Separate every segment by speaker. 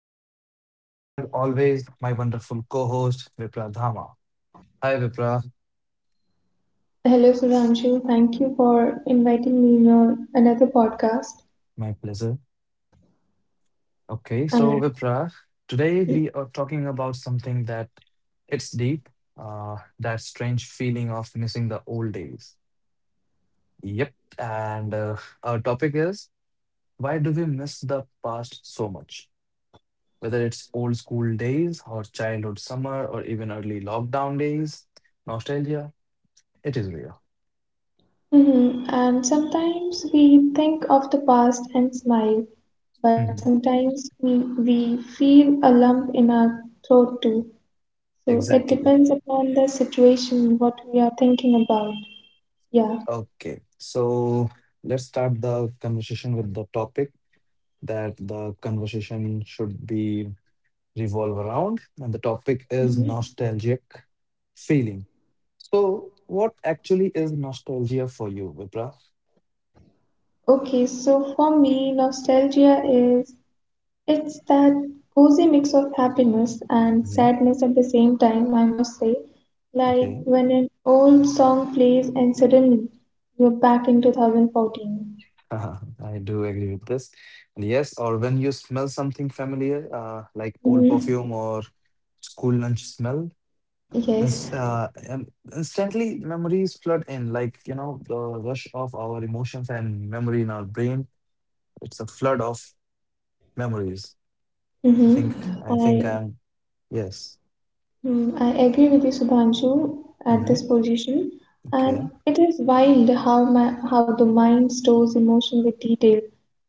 Speaker 1: me, as always, my wonderful co host, Vipra Dhama. Hi, Vipra.
Speaker 2: Hello, Sudhanshu. Thank you for inviting me in your another podcast.
Speaker 1: My pleasure. Okay,
Speaker 2: And,
Speaker 1: so Vipra, today we are talking about something that it's deep, that strange feeling of missing the old days. Yep. And Our topic is, why do we miss the past so much? Whether it's old school days or childhood summer or even early lockdown days, nostalgia, it is real.
Speaker 2: Mhm. And sometimes we think of the past and smile, but
Speaker 1: Mm-hmm.
Speaker 2: sometimes we, we feel a lump in our throat too. So it
Speaker 1: Exactly.
Speaker 2: depends upon the situation, what we are thinking about. Yeah.
Speaker 1: Okay. So let's start the conversation with the topic that the conversation should be revolve around. And the topic is
Speaker 2: Mhm.
Speaker 1: nostalgic feeling. So what actually is nostalgia for you, Vipra?
Speaker 2: Okay, so for me, nostalgia is, it's that cozy mix of happiness and
Speaker 1: hmm
Speaker 2: sadness at the same time, I must say. Like
Speaker 1: Okay.
Speaker 2: when an old song plays and suddenly you're back in 2014.
Speaker 1: I do agree with this. And yes, or when you smell something familiar, like old
Speaker 2: Mm-hmm.
Speaker 1: perfume or school lunch smell,
Speaker 2: Yes.
Speaker 1: Ins- uh, um, instantly memories flood in, like you know the rush of our emotions and memory in our brain, it's a flood of memories. i think i think
Speaker 2: Mm-hmm.
Speaker 1: i'm yes.
Speaker 2: I agree with you, Subhanshu, at this
Speaker 1: hmm
Speaker 2: position, and
Speaker 1: okay
Speaker 2: it is wild how how the mind stores emotion with detail,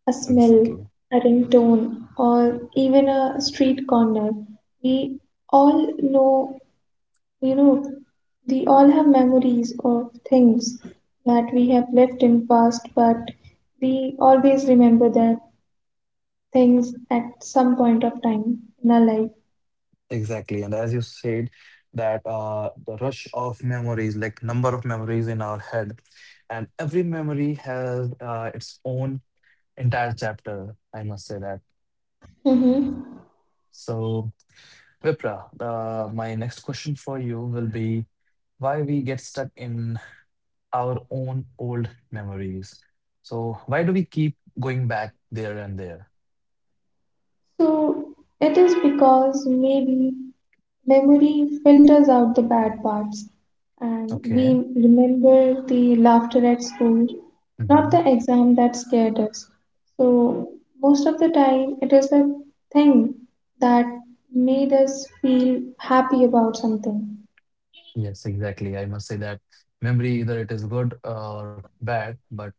Speaker 2: a smell,
Speaker 1: exactly
Speaker 2: a ringtone, or even a street corner. We all know, you know, we all have memories of things that we have left in past, but we always remember that things at some point of time in our life.
Speaker 1: exactly and as you said that the rush of memories, like number of memories in our head, and every memory has its own entire chapter, I must say that.
Speaker 2: Mm-hmm.
Speaker 1: So Vipra, my next question for you will be, why we get stuck in our own old memories? So why do we keep going back there and there?
Speaker 2: So it is because maybe memory filters out the bad parts and we
Speaker 1: Okay.
Speaker 2: remember the laughter at school, not
Speaker 1: hmm
Speaker 2: the exam that scared us. So most of the time it is the thing that made us feel happy about something.
Speaker 1: Yes, exactly. I must say that memory, either it is good or bad, but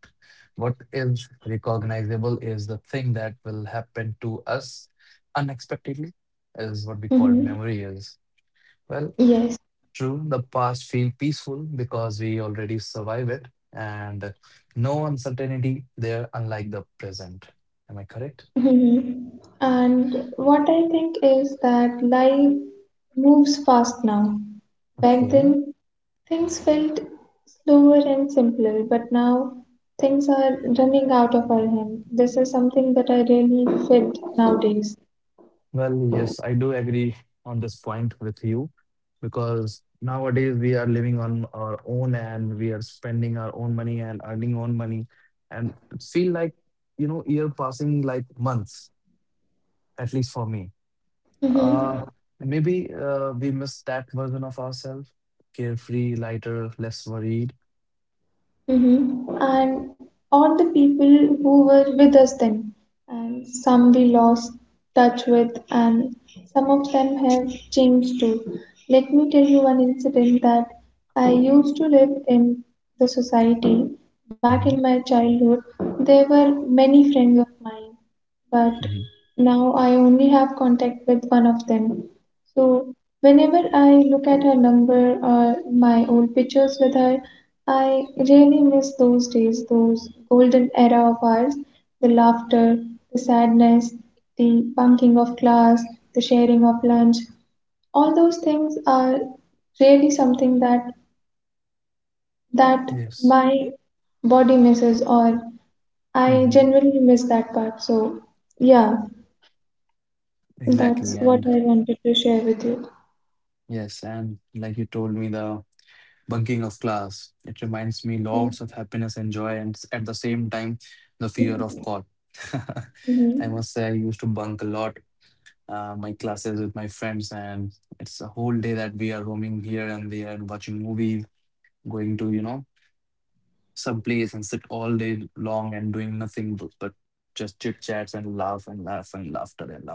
Speaker 1: what is recognizable is the thing that will happen to us unexpectedly, is what we call
Speaker 2: Mm-hmm.
Speaker 1: memory is. Well,
Speaker 2: Yes,
Speaker 1: true, the past feel peaceful because we already survive it, and no uncertainty there unlike the present. Am I correct?
Speaker 2: Mhm. And what I think is that life moves fast now. Back
Speaker 1: Okay.
Speaker 2: then, things felt slower and simpler, but now things are running out of our hand. This is something that I really felt nowadays.
Speaker 1: Well, yes, I do agree on this point with you, because nowadays we are living on our own and we are spending our own money and earning own money, and it feel like, you know, year passing like months, at least for me. Uh,
Speaker 2: Mhm.
Speaker 1: maybe we miss that version of ourselves, carefree, lighter, less worried.
Speaker 2: Mm-hmm. And all the people who were with us then, and some we lost touch with, and some of them have changed too. Let me tell you one incident that I used to live in the society back in
Speaker 1: hmm
Speaker 2: my childhood. There were many friends of mine, but
Speaker 1: hmm
Speaker 2: now I only have contact with one of them. So whenever I look at her number or my old pictures with her, I really miss those days, those golden era of ours, the laughter, the sadness, the bunking of class, the sharing of lunch. All those things are really something that
Speaker 1: Yes.
Speaker 2: my body misses or I
Speaker 1: hmm
Speaker 2: genuinely miss that part. So yeah, that's
Speaker 1: Exactly.
Speaker 2: what
Speaker 1: And
Speaker 2: I wanted to share with you.
Speaker 1: yes, and like you told me, the bunking of class, it reminds me
Speaker 2: Mhm.
Speaker 1: lots of happiness and joy, and at the same time, the fear of caught. I
Speaker 2: Mhm.
Speaker 1: must say, I used to bunk a lot, my classes with my friends, and it's a whole day that we are roaming here and there, watching movies, going to, you know, some place and sit all day long and doing nothing but just chit chats and laugh and laugh and laughter and laughter.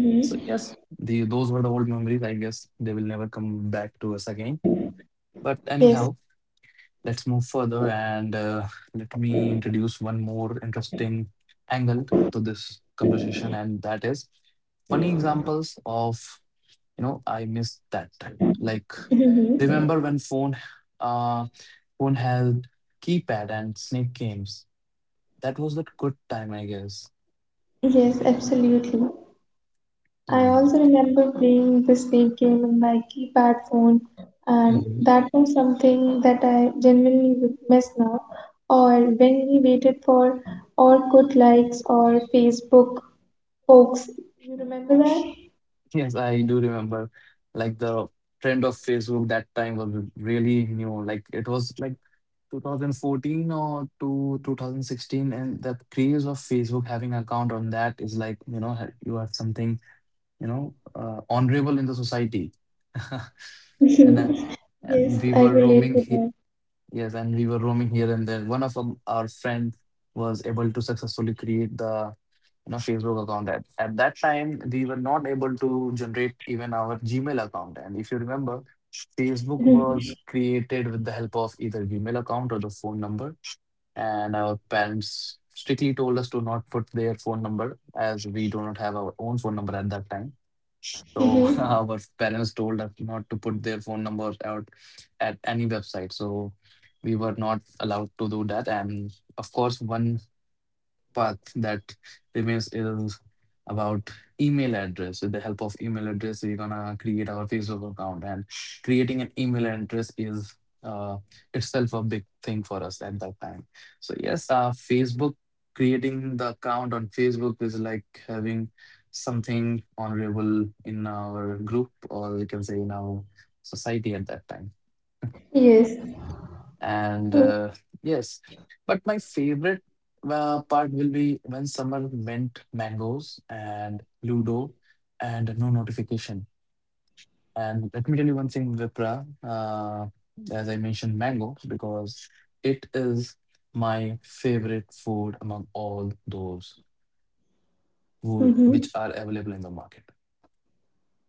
Speaker 1: So yes, the those were the old memories. I guess they will never come back to us again. But
Speaker 2: Yes.
Speaker 1: anyhow, let's move further and let me introduce one more interesting angle to this conversation, and that is funny examples of, you know, I miss that time. Like,
Speaker 2: Mm-hmm.
Speaker 1: remember when phone uh had keypad and snake games? That was the good time, I guess.
Speaker 2: Yes, absolutely. I
Speaker 1: Oh,
Speaker 2: also
Speaker 1: okay.
Speaker 2: remember playing the snake game on my keypad phone, and
Speaker 1: Mhm.
Speaker 2: that was something that I genuinely would miss now. Or when we waited for or good likes or Facebook folks. You remember that?
Speaker 1: Yes, I do remember. Like, the trend of Facebook that time was really new. Like, it was like 2014 or to 2016, and the craze of Facebook having account on that is like, you know, you are something, you know, honorable in the society. And uh, and
Speaker 2: yes,
Speaker 1: we
Speaker 2: I
Speaker 1: were
Speaker 2: relate
Speaker 1: roaming
Speaker 2: to
Speaker 1: he
Speaker 2: that.
Speaker 1: Yes, and we were roaming here and there. One of our friend was able to successfully create the, you know, Facebook account. At that time we were not able to generate even our Gmail account, and if you remember, Facebook was created with the help of either Gmail account or the phone number, and our parents strictly told us to not put their phone number, as we do not have our own phone number at that time. So
Speaker 2: Mm-hmm.
Speaker 1: our parents told us not to put their phone number out at any website, so we were not allowed to do that. And of course, one path that remains is about email address. With the help of email address, we're gonna create our Facebook account, and creating an email address is uh, itself a big thing for us at that time. So yes, Facebook, creating the account on Facebook is like having something honorable in our group, or we can say in our society at that time.
Speaker 2: Yes.
Speaker 1: And
Speaker 2: So,
Speaker 1: Yes, but my favorite part will be when someone meant mangoes and ludo and no notification. And let me tell you one thing, Vipra, as I mentioned mango, because it is my favorite food among all those who, which
Speaker 2: mhm.
Speaker 1: are available in the market.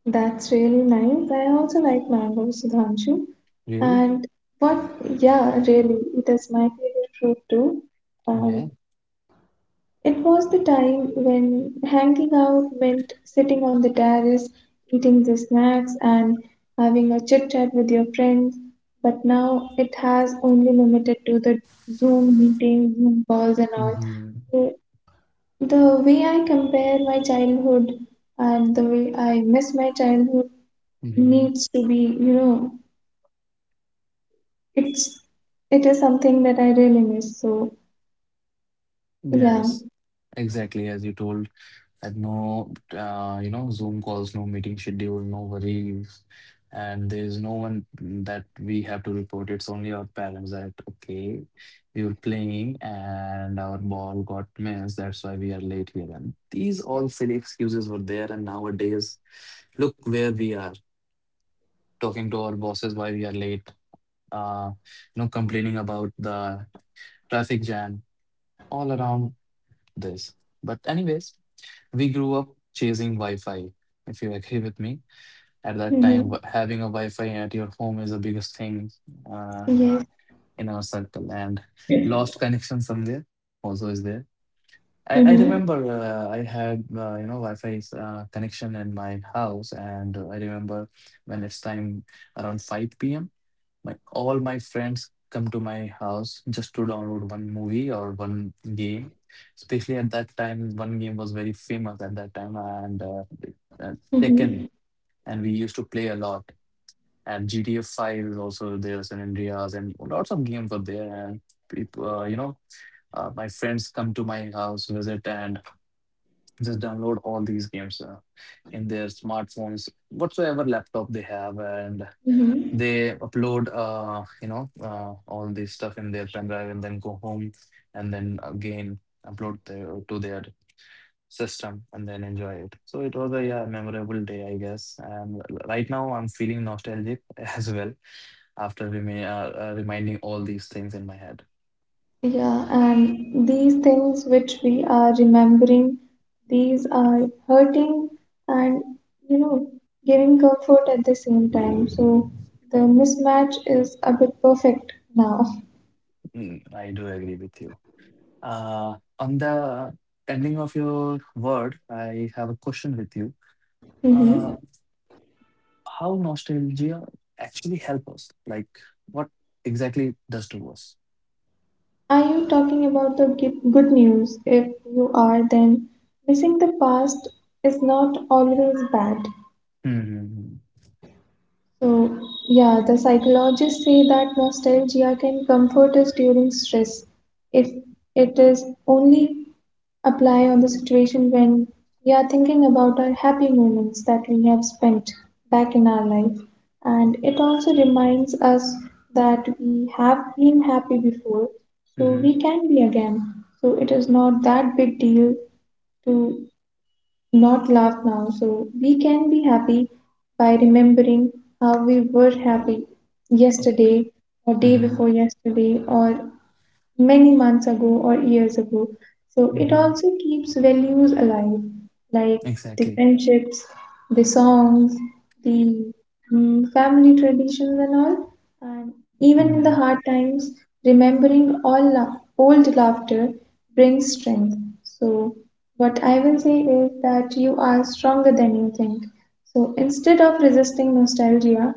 Speaker 2: That's really nice. I also like mango, Sudhanshu.
Speaker 1: Really
Speaker 2: And what, yeah, really, it is my favorite fruit too.
Speaker 1: okay
Speaker 2: Um, it was the time when hanging out meant sitting on the terrace, eating the snacks, and having a chit chat with your friends. But now it has only limited to the Zoom meetings, Zoom calls, and all.
Speaker 1: hmm
Speaker 2: So the way I compare my childhood and the way I miss my childhood
Speaker 1: hmm
Speaker 2: needs to be, you know, it's it is something that I really miss. So yeah,
Speaker 1: yes Exactly, as you told. Like, no, you know, Zoom calls, no meeting schedule, no worries, and there is no one that we have to report. It's only our parents that, okay, we were playing and our ball got missed, that's why we are late here. And these all silly excuses were there. And nowadays, look where we are, talking to our bosses why we are late. Uh, you know, complaining about the traffic jam all around this. But anyways, we grew up chasing Wi-Fi, if you agree with me. At that time,
Speaker 2: mm-hmm.
Speaker 1: having a Wi-Fi at your home is the biggest thing uh,
Speaker 2: Yes,
Speaker 1: in our circle, and lost connection somewhere also is there. I
Speaker 2: mm-hmm.
Speaker 1: remember, I had, you know, Wi-Fi connection in my house, and I remember when it's time around 5 p.m., my all my friends come to my house just to download one movie or one game. Especially at that time, one game was very famous at that time, and uh, Tekken,
Speaker 2: Mm-hmm.
Speaker 1: and we used to play a lot. And GTA 5 is also there, San Andreas, and lots of games are there. And people, you know, my friends come to my house, visit, and just download all these games, in their smartphones, whatsoever laptop they have, and
Speaker 2: Mm-hmm.
Speaker 1: they upload, you know, all this stuff in their pen drive, and then go home, and then again upload their, to their system, and then enjoy it. So it was a, yeah, memorable day, I guess. And right now I'm feeling nostalgic as well, after reminding all these things in my head.
Speaker 2: Yeah, and these things which we are remembering, these are hurting and you know giving comfort at the same time. So the mismatch is a bit perfect now.
Speaker 1: Mm, I do agree with you. On the ending of your word, I have a question with you. Uh,
Speaker 2: Mm-hmm.
Speaker 1: how nostalgia actually help us? Like, what exactly it does to us?
Speaker 2: Are you talking about the good news? If you are, then missing the past is not always bad.
Speaker 1: Mm-hmm.
Speaker 2: So, yeah, the psychologists say that nostalgia can comfort us during stress if it is only apply on the situation when we are thinking about our happy moments that we have spent back in our life. And
Speaker 1: Mm-hmm.
Speaker 2: it also reminds us that we have been happy before, so
Speaker 1: Mm-hmm.
Speaker 2: we can be again. So it is not that big deal to not laugh now. So we can be happy by remembering how we were happy
Speaker 1: Oh,
Speaker 2: yesterday or day
Speaker 1: mm-hmm.
Speaker 2: before yesterday or many months ago or years ago. So it
Speaker 1: Mm-hmm.
Speaker 2: also keeps values alive, like the
Speaker 1: Exactly.
Speaker 2: friendships, the songs, the family traditions, and all. And even in the
Speaker 1: Mm-hmm.
Speaker 2: hard times, remembering all old laughter brings strength. So, what I will say is that you are stronger than you think. So, instead of resisting nostalgia,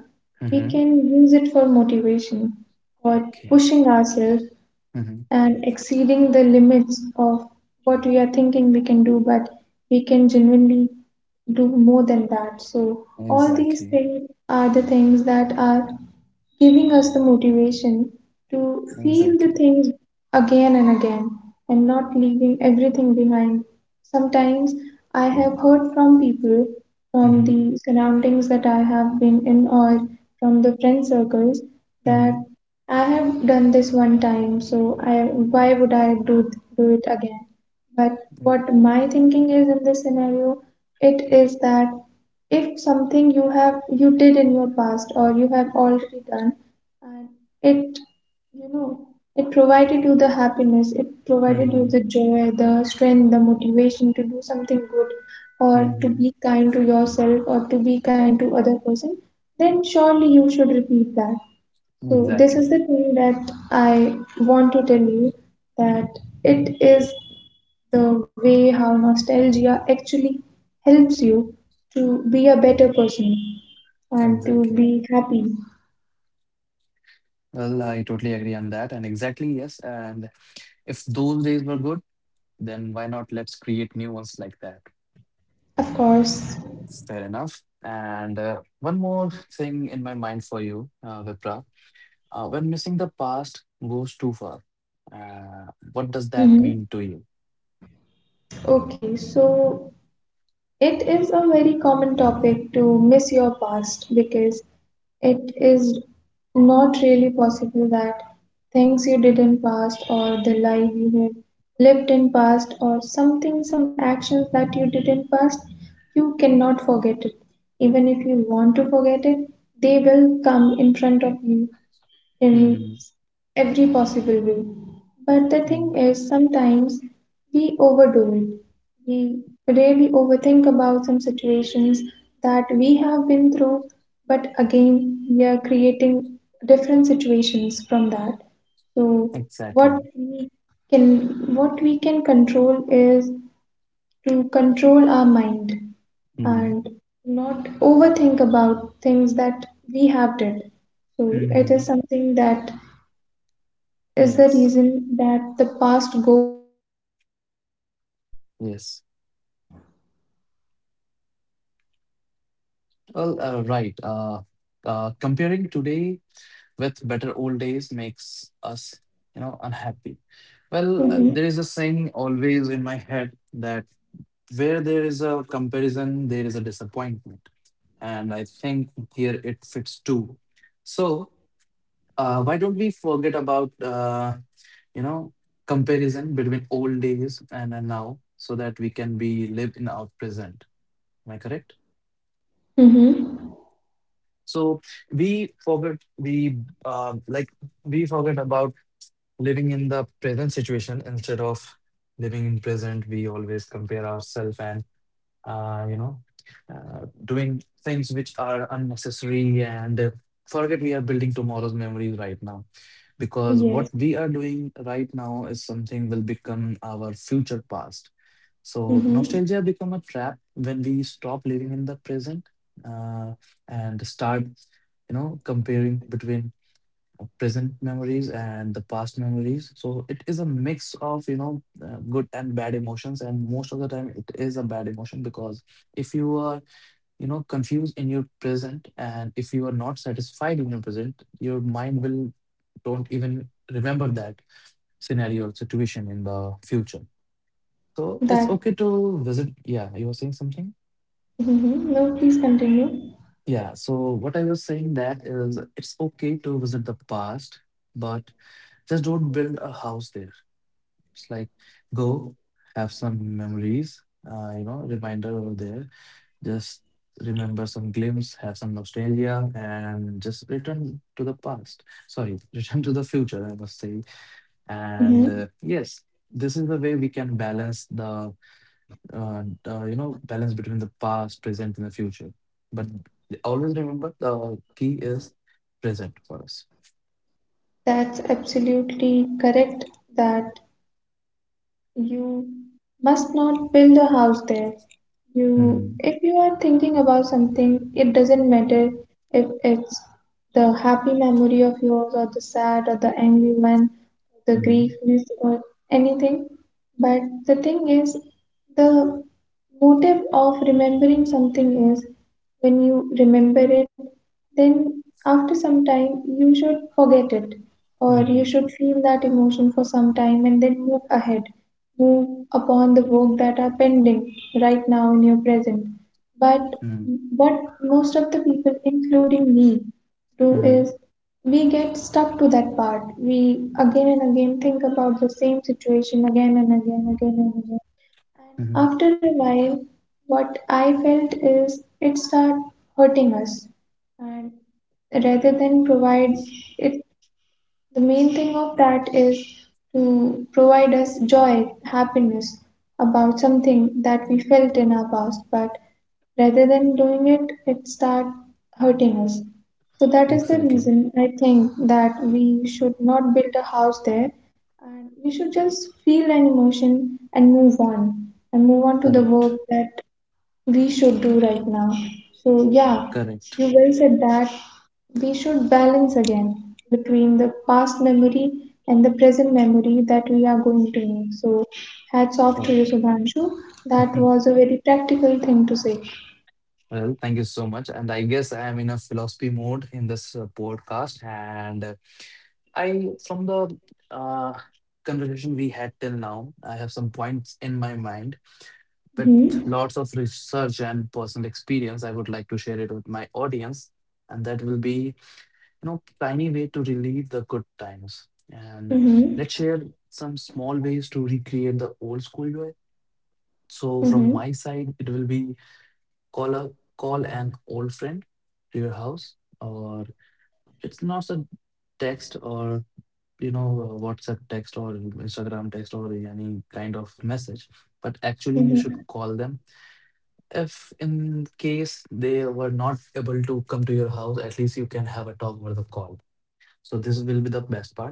Speaker 2: we
Speaker 1: Mm-hmm.
Speaker 2: can use it for motivation, for
Speaker 1: Okay.
Speaker 2: pushing ourselves,
Speaker 1: Mhm.
Speaker 2: and exceeding the limits of what we are thinking we can do, but we can genuinely do more than that. So, all these
Speaker 1: Exactly.
Speaker 2: things are the things that are giving us the motivation to feel the
Speaker 1: Exactly.
Speaker 2: things again and again and not leaving everything behind. Sometimes I have heard from people from
Speaker 1: Mhm.
Speaker 2: the surroundings that I have been in or from the friend circles that
Speaker 1: Mhm.
Speaker 2: I have done this one time, so I why would I do it again? But
Speaker 1: Mm.
Speaker 2: what my thinking is in this scenario, it is that if something you have you did in your past or you have already done and it you know it provided you the happiness, it provided you
Speaker 1: Mhm.
Speaker 2: the joy, the strength, the motivation to do something good or to
Speaker 1: Mhm.
Speaker 2: be kind to yourself or to be kind to other person, then surely you should repeat that. So this is
Speaker 1: Exactly.
Speaker 2: the thing that I want to tell you that it is the way how nostalgia actually helps you to be a better person and to
Speaker 1: Exactly.
Speaker 2: be happy.
Speaker 1: Well, I totally agree on that. And exactly, yes. And if those days were good, then why not let's create new ones like that?
Speaker 2: Of course.
Speaker 1: Fair enough. And one more thing in my mind for you, Vipra. When missing the past goes too far, uh, what does that
Speaker 2: Hmm.
Speaker 1: mean to you?
Speaker 2: Okay, so it is a very common topic to miss your past because it is not really possible that things you did in past or the life you have lived in past or something, some actions that you did in past, you cannot forget it even if you want to forget it, they will come in front of you in
Speaker 1: Mm-hmm.
Speaker 2: every possible way. But the thing is, sometimes we overdo it. We really overthink about some situations that we have been through, but again, we are creating different situations from that. So, what
Speaker 1: Exactly.
Speaker 2: we what we can control is to control our mind
Speaker 1: Mm-hmm.
Speaker 2: and not overthink about things that we have did. So it
Speaker 1: Mm-hmm.
Speaker 2: is something that is the
Speaker 1: Yes.
Speaker 2: reason that the past goes too far.
Speaker 1: Yes. Well, right. Comparing today with better old days makes us, you know, unhappy. Well,
Speaker 2: Mm-hmm.
Speaker 1: there is a saying always in my head that, where there is a comparison, there is a disappointment. And I think here it fits too. So, why don't we forget about, you know, comparison between old days and now, so that we can be live in our present. Am I correct?
Speaker 2: Mm-hmm.
Speaker 1: So we forget we uh, like we forget about living in the present situation, instead of living in present. We always compare ourselves and, you know, doing things which are unnecessary, and forget we are building tomorrow's memories right now, because what
Speaker 2: Yes.
Speaker 1: we are doing right now is something will become our future past. So
Speaker 2: Mm-hmm.
Speaker 1: nostalgia become a trap when we stop living in the present, uh, and start, you know, comparing between present memories and the past memories. So it is a mix of, you know, good and bad emotions. And most of the time, it is a bad emotion, because if you are, you know, confused in your present, and if you are not satisfied in your present, your mind will don't even remember that scenario or situation in the future. So it's
Speaker 2: That,
Speaker 1: okay to visit. Yeah, you were saying something?
Speaker 2: no, please continue.
Speaker 1: Yeah, so what I was saying that is, it's okay to visit the past, but just don't build a house there. It's like, go have some memories, you know, reminder over there. Just remember some glimpse, have some nostalgia, and just return to the past. Sorry, return to the future, I must say. And
Speaker 2: Hmm.
Speaker 1: yes, this is the way we can balance the, you know, balance between the past, present, and the future. But always remember, the key is present for us.
Speaker 2: That's absolutely correct that you must not build a house there.
Speaker 1: Mm-hmm.
Speaker 2: You, if you are thinking about something, it doesn't matter if it's the happy memory of yours or the sad or the angry one, the
Speaker 1: Mm-hmm.
Speaker 2: grief or anything. But the thing is, the motive of remembering something is when you remember it, then after some time you should forget it or
Speaker 1: Mm-hmm.
Speaker 2: you should feel that emotion for some time and then move ahead. Move upon the work that are pending right now in your present. But
Speaker 1: Mm-hmm.
Speaker 2: what most of the people, including me, do
Speaker 1: Mm-hmm.
Speaker 2: is we get stuck to that part. We again and again think about the same situation, again and again, again and again.
Speaker 1: Mm-hmm.
Speaker 2: After a while, what I felt is it started hurting us, and rather than provide, it the main thing of that is to provide us joy, happiness about something that we felt in our past, but rather than doing it, it start hurting us. So that is the
Speaker 1: Exactly.
Speaker 2: reason I think that we should not build a house there and we should just feel an emotion and move on to the
Speaker 1: Correct.
Speaker 2: work that we should do right now. So, yeah,
Speaker 1: Correct.
Speaker 2: you well said that we should balance again between the past memory and the present memory that we are going to make. So, hats off
Speaker 1: Sure.
Speaker 2: to you, Sudhanshu. That was a very practical thing to say.
Speaker 1: Well, thank you so much. And I guess I am in a philosophy mode in this podcast. And from the uh, conversation we had till now, I have some points in my mind with
Speaker 2: Mm-hmm.
Speaker 1: lots of research and personal experience. I would like to share it with my audience. And that will be, tiny way to relieve the good times. And
Speaker 2: Mm-hmm.
Speaker 1: let's share some small ways to recreate the old school joy. So from my
Speaker 2: Mm-hmm.
Speaker 1: side, it will be call a call an old friend to your house, or it's not a text or you know WhatsApp text or Instagram text or any kind of message, but actually you should
Speaker 2: Mm-hmm.
Speaker 1: call them. If in case they were not able to come to your house, at least you can have a talk over the call. So this will be the best part.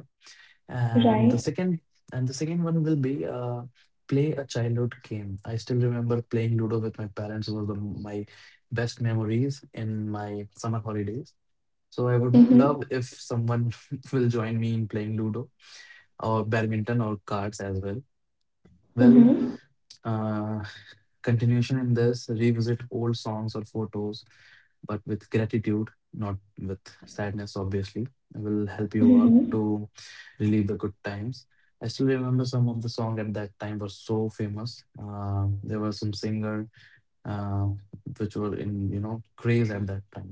Speaker 1: and the
Speaker 2: Right.
Speaker 1: second and the second one will be play a childhood game. I still remember playing Ludo with my parents. Was the, my best memories in my summer holidays. So I would love
Speaker 2: Mm-hmm.
Speaker 1: if someone will join me in playing Ludo or badminton or cards as well. Well,
Speaker 2: Mm-hmm.
Speaker 1: uh, continuation in this, revisit old songs or photos, but with gratitude, not with sadness, obviously. It will help you out
Speaker 2: Mm-hmm.
Speaker 1: to relive the good times. I still remember some of the song at that time were so famous. There was some singer uh, which were in craze at that time.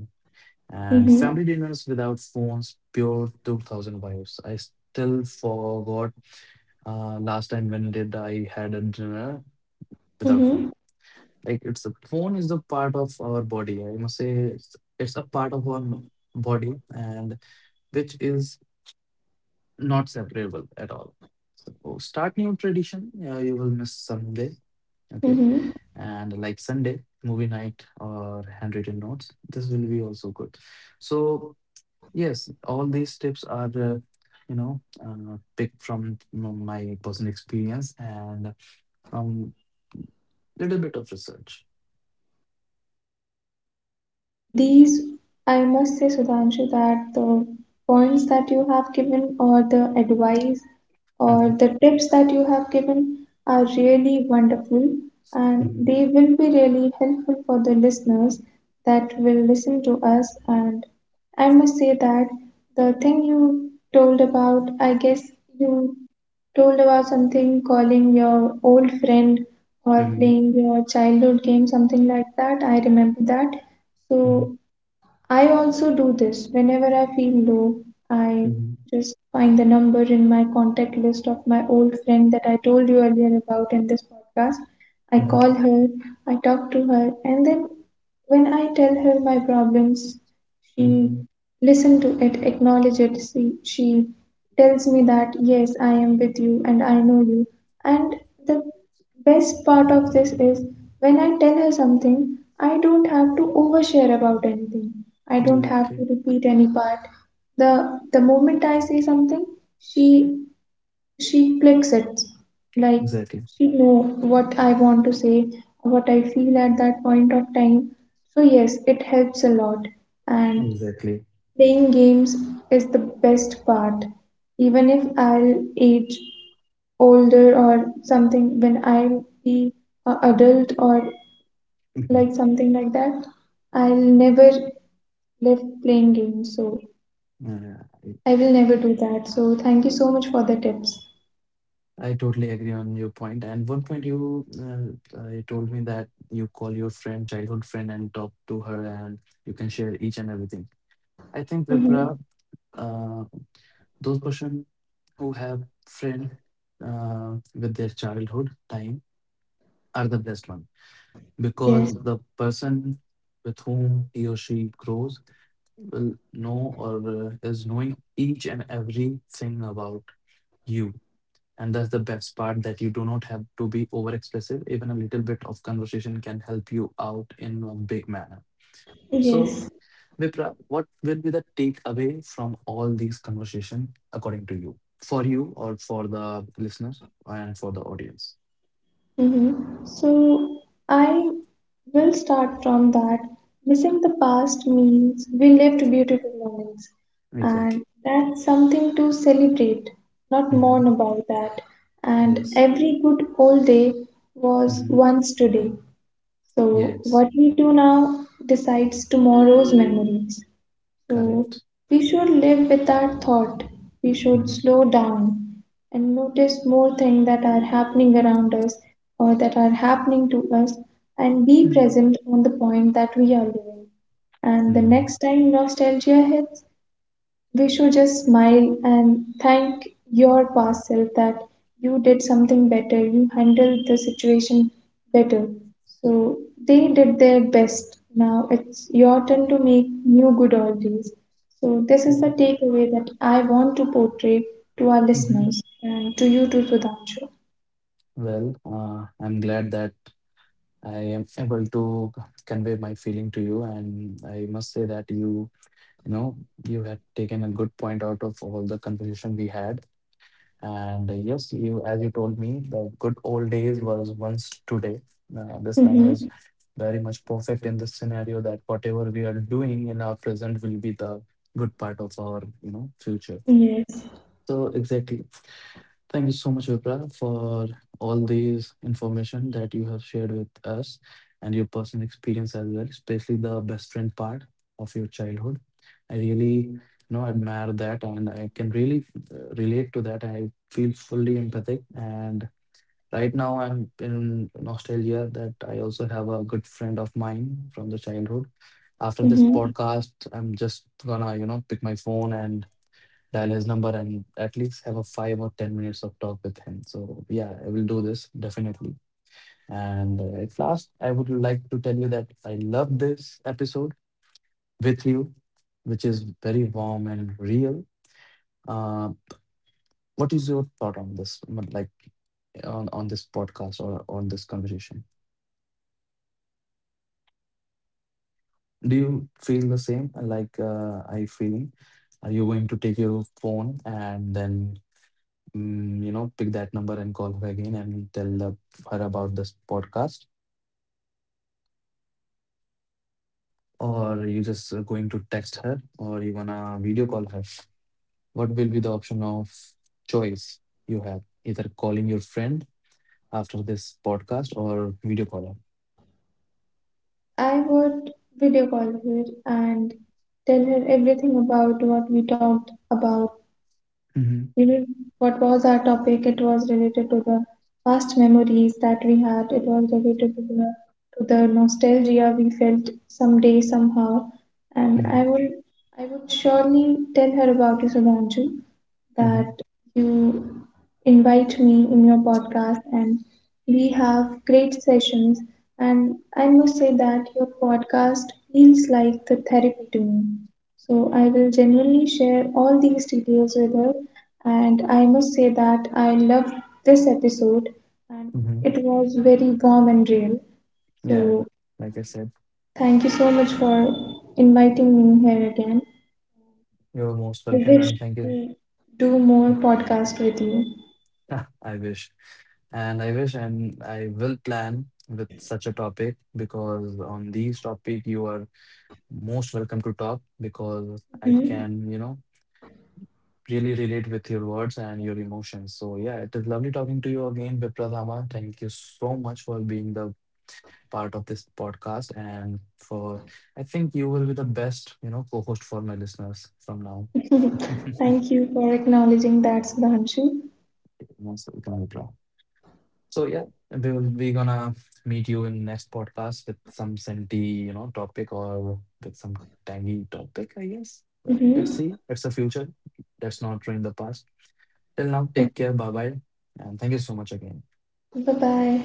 Speaker 1: And family
Speaker 2: Mm-hmm.
Speaker 1: dinners without phones, pure 2000 vibes. I still forgot last time when did I had a dinner without phone.
Speaker 2: Mm-hmm.
Speaker 1: Like it's a phone is a part of our body. I must say it's a part of our body and which is not separable at all. So start new tradition. Yeah, you will miss someday. Okay.
Speaker 2: Mm-hmm.
Speaker 1: And like Sunday, movie night or handwritten notes. This will be also good. So yes, all these tips are picked from my personal experience and from little bit of research.
Speaker 2: These, I must say, Sudhanshu, that the points that you have given, or the advice,
Speaker 1: Hmm.
Speaker 2: or the tips that you have given, are really wonderful and they will be really helpful for the listeners that will listen to us. And I must say that the thing you told about, I guess you told about something, calling your old friend or
Speaker 1: Hmm.
Speaker 2: playing your childhood game, something like that. I remember that.
Speaker 1: Hmm.
Speaker 2: So I also do this whenever I feel low. I
Speaker 1: Mhm,
Speaker 2: just find the number in my contact list of my old friend that I told you earlier about in this podcast. I
Speaker 1: mhm,
Speaker 2: call her, I talk to her, and then when I tell her my problems,
Speaker 1: mhm.
Speaker 2: she listens to it, acknowledges it. She tells me that, yes, I am with you and I know you. And the best part of this is when I tell her something, I don't have to overshare about anything. I don't
Speaker 1: Exactly,
Speaker 2: have to repeat any part. The moment I say something, she she clicks it. Like
Speaker 1: exactly,
Speaker 2: she know what I want to say, what I feel at that point of time. So yes, it helps a lot. And
Speaker 1: exactly.
Speaker 2: playing games is the best part, even if I'll age older or something when I will be a adult or
Speaker 1: Mhm.
Speaker 2: like something like that. I'll never live playing games, so
Speaker 1: Uh, I
Speaker 2: I will never do that. So thank you so much for the tips.
Speaker 1: I totally agree on your point. And one point you you told me that you call your friend, childhood friend, and talk to her, and you can share each and everything. I think Vipra,
Speaker 2: Mm-hmm.
Speaker 1: uh, those person who have friend with their childhood time are the best one, because
Speaker 2: Yes,
Speaker 1: the person with whom he or she grows will know, or is knowing each and everything about you. And that's the best part that you do not have to be over expressive. Even a little bit of conversation can help you out in a big manner. So,
Speaker 2: yes.
Speaker 1: Vipra, what will be the takeaway from all these conversation according to you? For you or for the listeners and for the audience?
Speaker 2: Mm-hmm. So I will start from that. Missing the past means we lived beautiful moments,
Speaker 1: Exactly.
Speaker 2: and that's something to celebrate, not
Speaker 1: Hmm.
Speaker 2: mourn about that.
Speaker 1: Yes.
Speaker 2: And every good old day
Speaker 1: Hmm.
Speaker 2: was once today. So
Speaker 1: Yes.
Speaker 2: what we do now decides tomorrow's memories.
Speaker 1: Correct.
Speaker 2: So we should live with that thought. We
Speaker 1: Hmm.
Speaker 2: should slow down and notice more things that are happening around us or that are happening to us and be present on the point that we are living. And the
Speaker 1: Hmm.
Speaker 2: next time nostalgia hits, we should just smile and thank your past self that you did something better, you handled the situation better. So they did their best. Now it's your turn to make new good old days. So this is the
Speaker 1: Correct.
Speaker 2: takeaway that I want to portray to our listeners and to you too, Sudhanshu.
Speaker 1: Well, I'm glad that I am able to convey my feeling to you, and I must say that you, you know, you had taken a good point out of all the conversation we had. And yes, you, as you told me, the good old days was once today. This line is
Speaker 2: Mm-hmm.
Speaker 1: very much perfect in this scenario, that whatever we are doing in our present will be the good part of our, future.
Speaker 2: Yes.
Speaker 1: So exactly. Thank you so much, Vipra, for all these information that you have shared with us, and your personal experience as well, especially the best friend part of your childhood. I really, admire that, and I can really relate to that. I feel fully empathic, and right now I'm in Australia, that I also have a good friend of mine from the childhood. After this
Speaker 2: Mm-hmm.
Speaker 1: podcast, I'm just gonna, pick my phone and dial his number and at least have a 5 or 10 minutes of talk with him. So yeah, I will do
Speaker 2: Mm-hmm.
Speaker 1: this definitely. And at last, I would like to tell you that I love this episode with you, which is very warm and real. Uh, what is your thought on this, on this podcast or on this conversation? Do you feel the same like I feeling? Are you going to take your phone and then pick that number and call her again and her about this podcast, or you just going to text her, or you gonna video call her. What will be the option of choice you have? Either calling your friend after this podcast or video call her.
Speaker 2: I would video call her and tell her everything about what we talked about.
Speaker 1: Mm-hmm.
Speaker 2: You know, what was our topic? It was related to the past memories that we had. It was related to to the nostalgia we felt someday somehow.
Speaker 1: Mm-hmm.
Speaker 2: And I will, I would surely tell her about you, Sudhanshu,
Speaker 1: Mm-hmm.
Speaker 2: that you invite me in your podcast and we have great sessions and I must say that your podcast feels like the therapy to me. So I will genuinely share all these details with her and I must say that I loved this episode and
Speaker 1: Mm-hmm.
Speaker 2: it was very warm and real.
Speaker 1: Yeah,
Speaker 2: So
Speaker 1: like I said,
Speaker 2: thank you so much for inviting me here again.
Speaker 1: you're most welcome
Speaker 2: I
Speaker 1: and
Speaker 2: wish
Speaker 1: thank you.
Speaker 2: to do more podcast with you.
Speaker 1: Ah, I wish. And I wish, and I will plan with such a topic, because on these topic you are most welcome to talk, because I can,
Speaker 2: Mhm.
Speaker 1: really relate with your words and your emotions. So yeah, it is lovely talking to you again, Bipradhama. Thank you so much for being the part of this podcast, and for I think you will be the best, co-host for my listeners from now.
Speaker 2: Thank you for acknowledging that, Sudhanshu.
Speaker 1: Most welcome, Bipra. So yeah, and we will be gonna meet you in next podcast with some scenty, topic or with some tangy topic, I guess. Well, let's see.
Speaker 2: Mm-hmm.
Speaker 1: It's the future. That's not in the past. Till now, take care. Bye bye. And thank you so much again.
Speaker 2: Bye bye.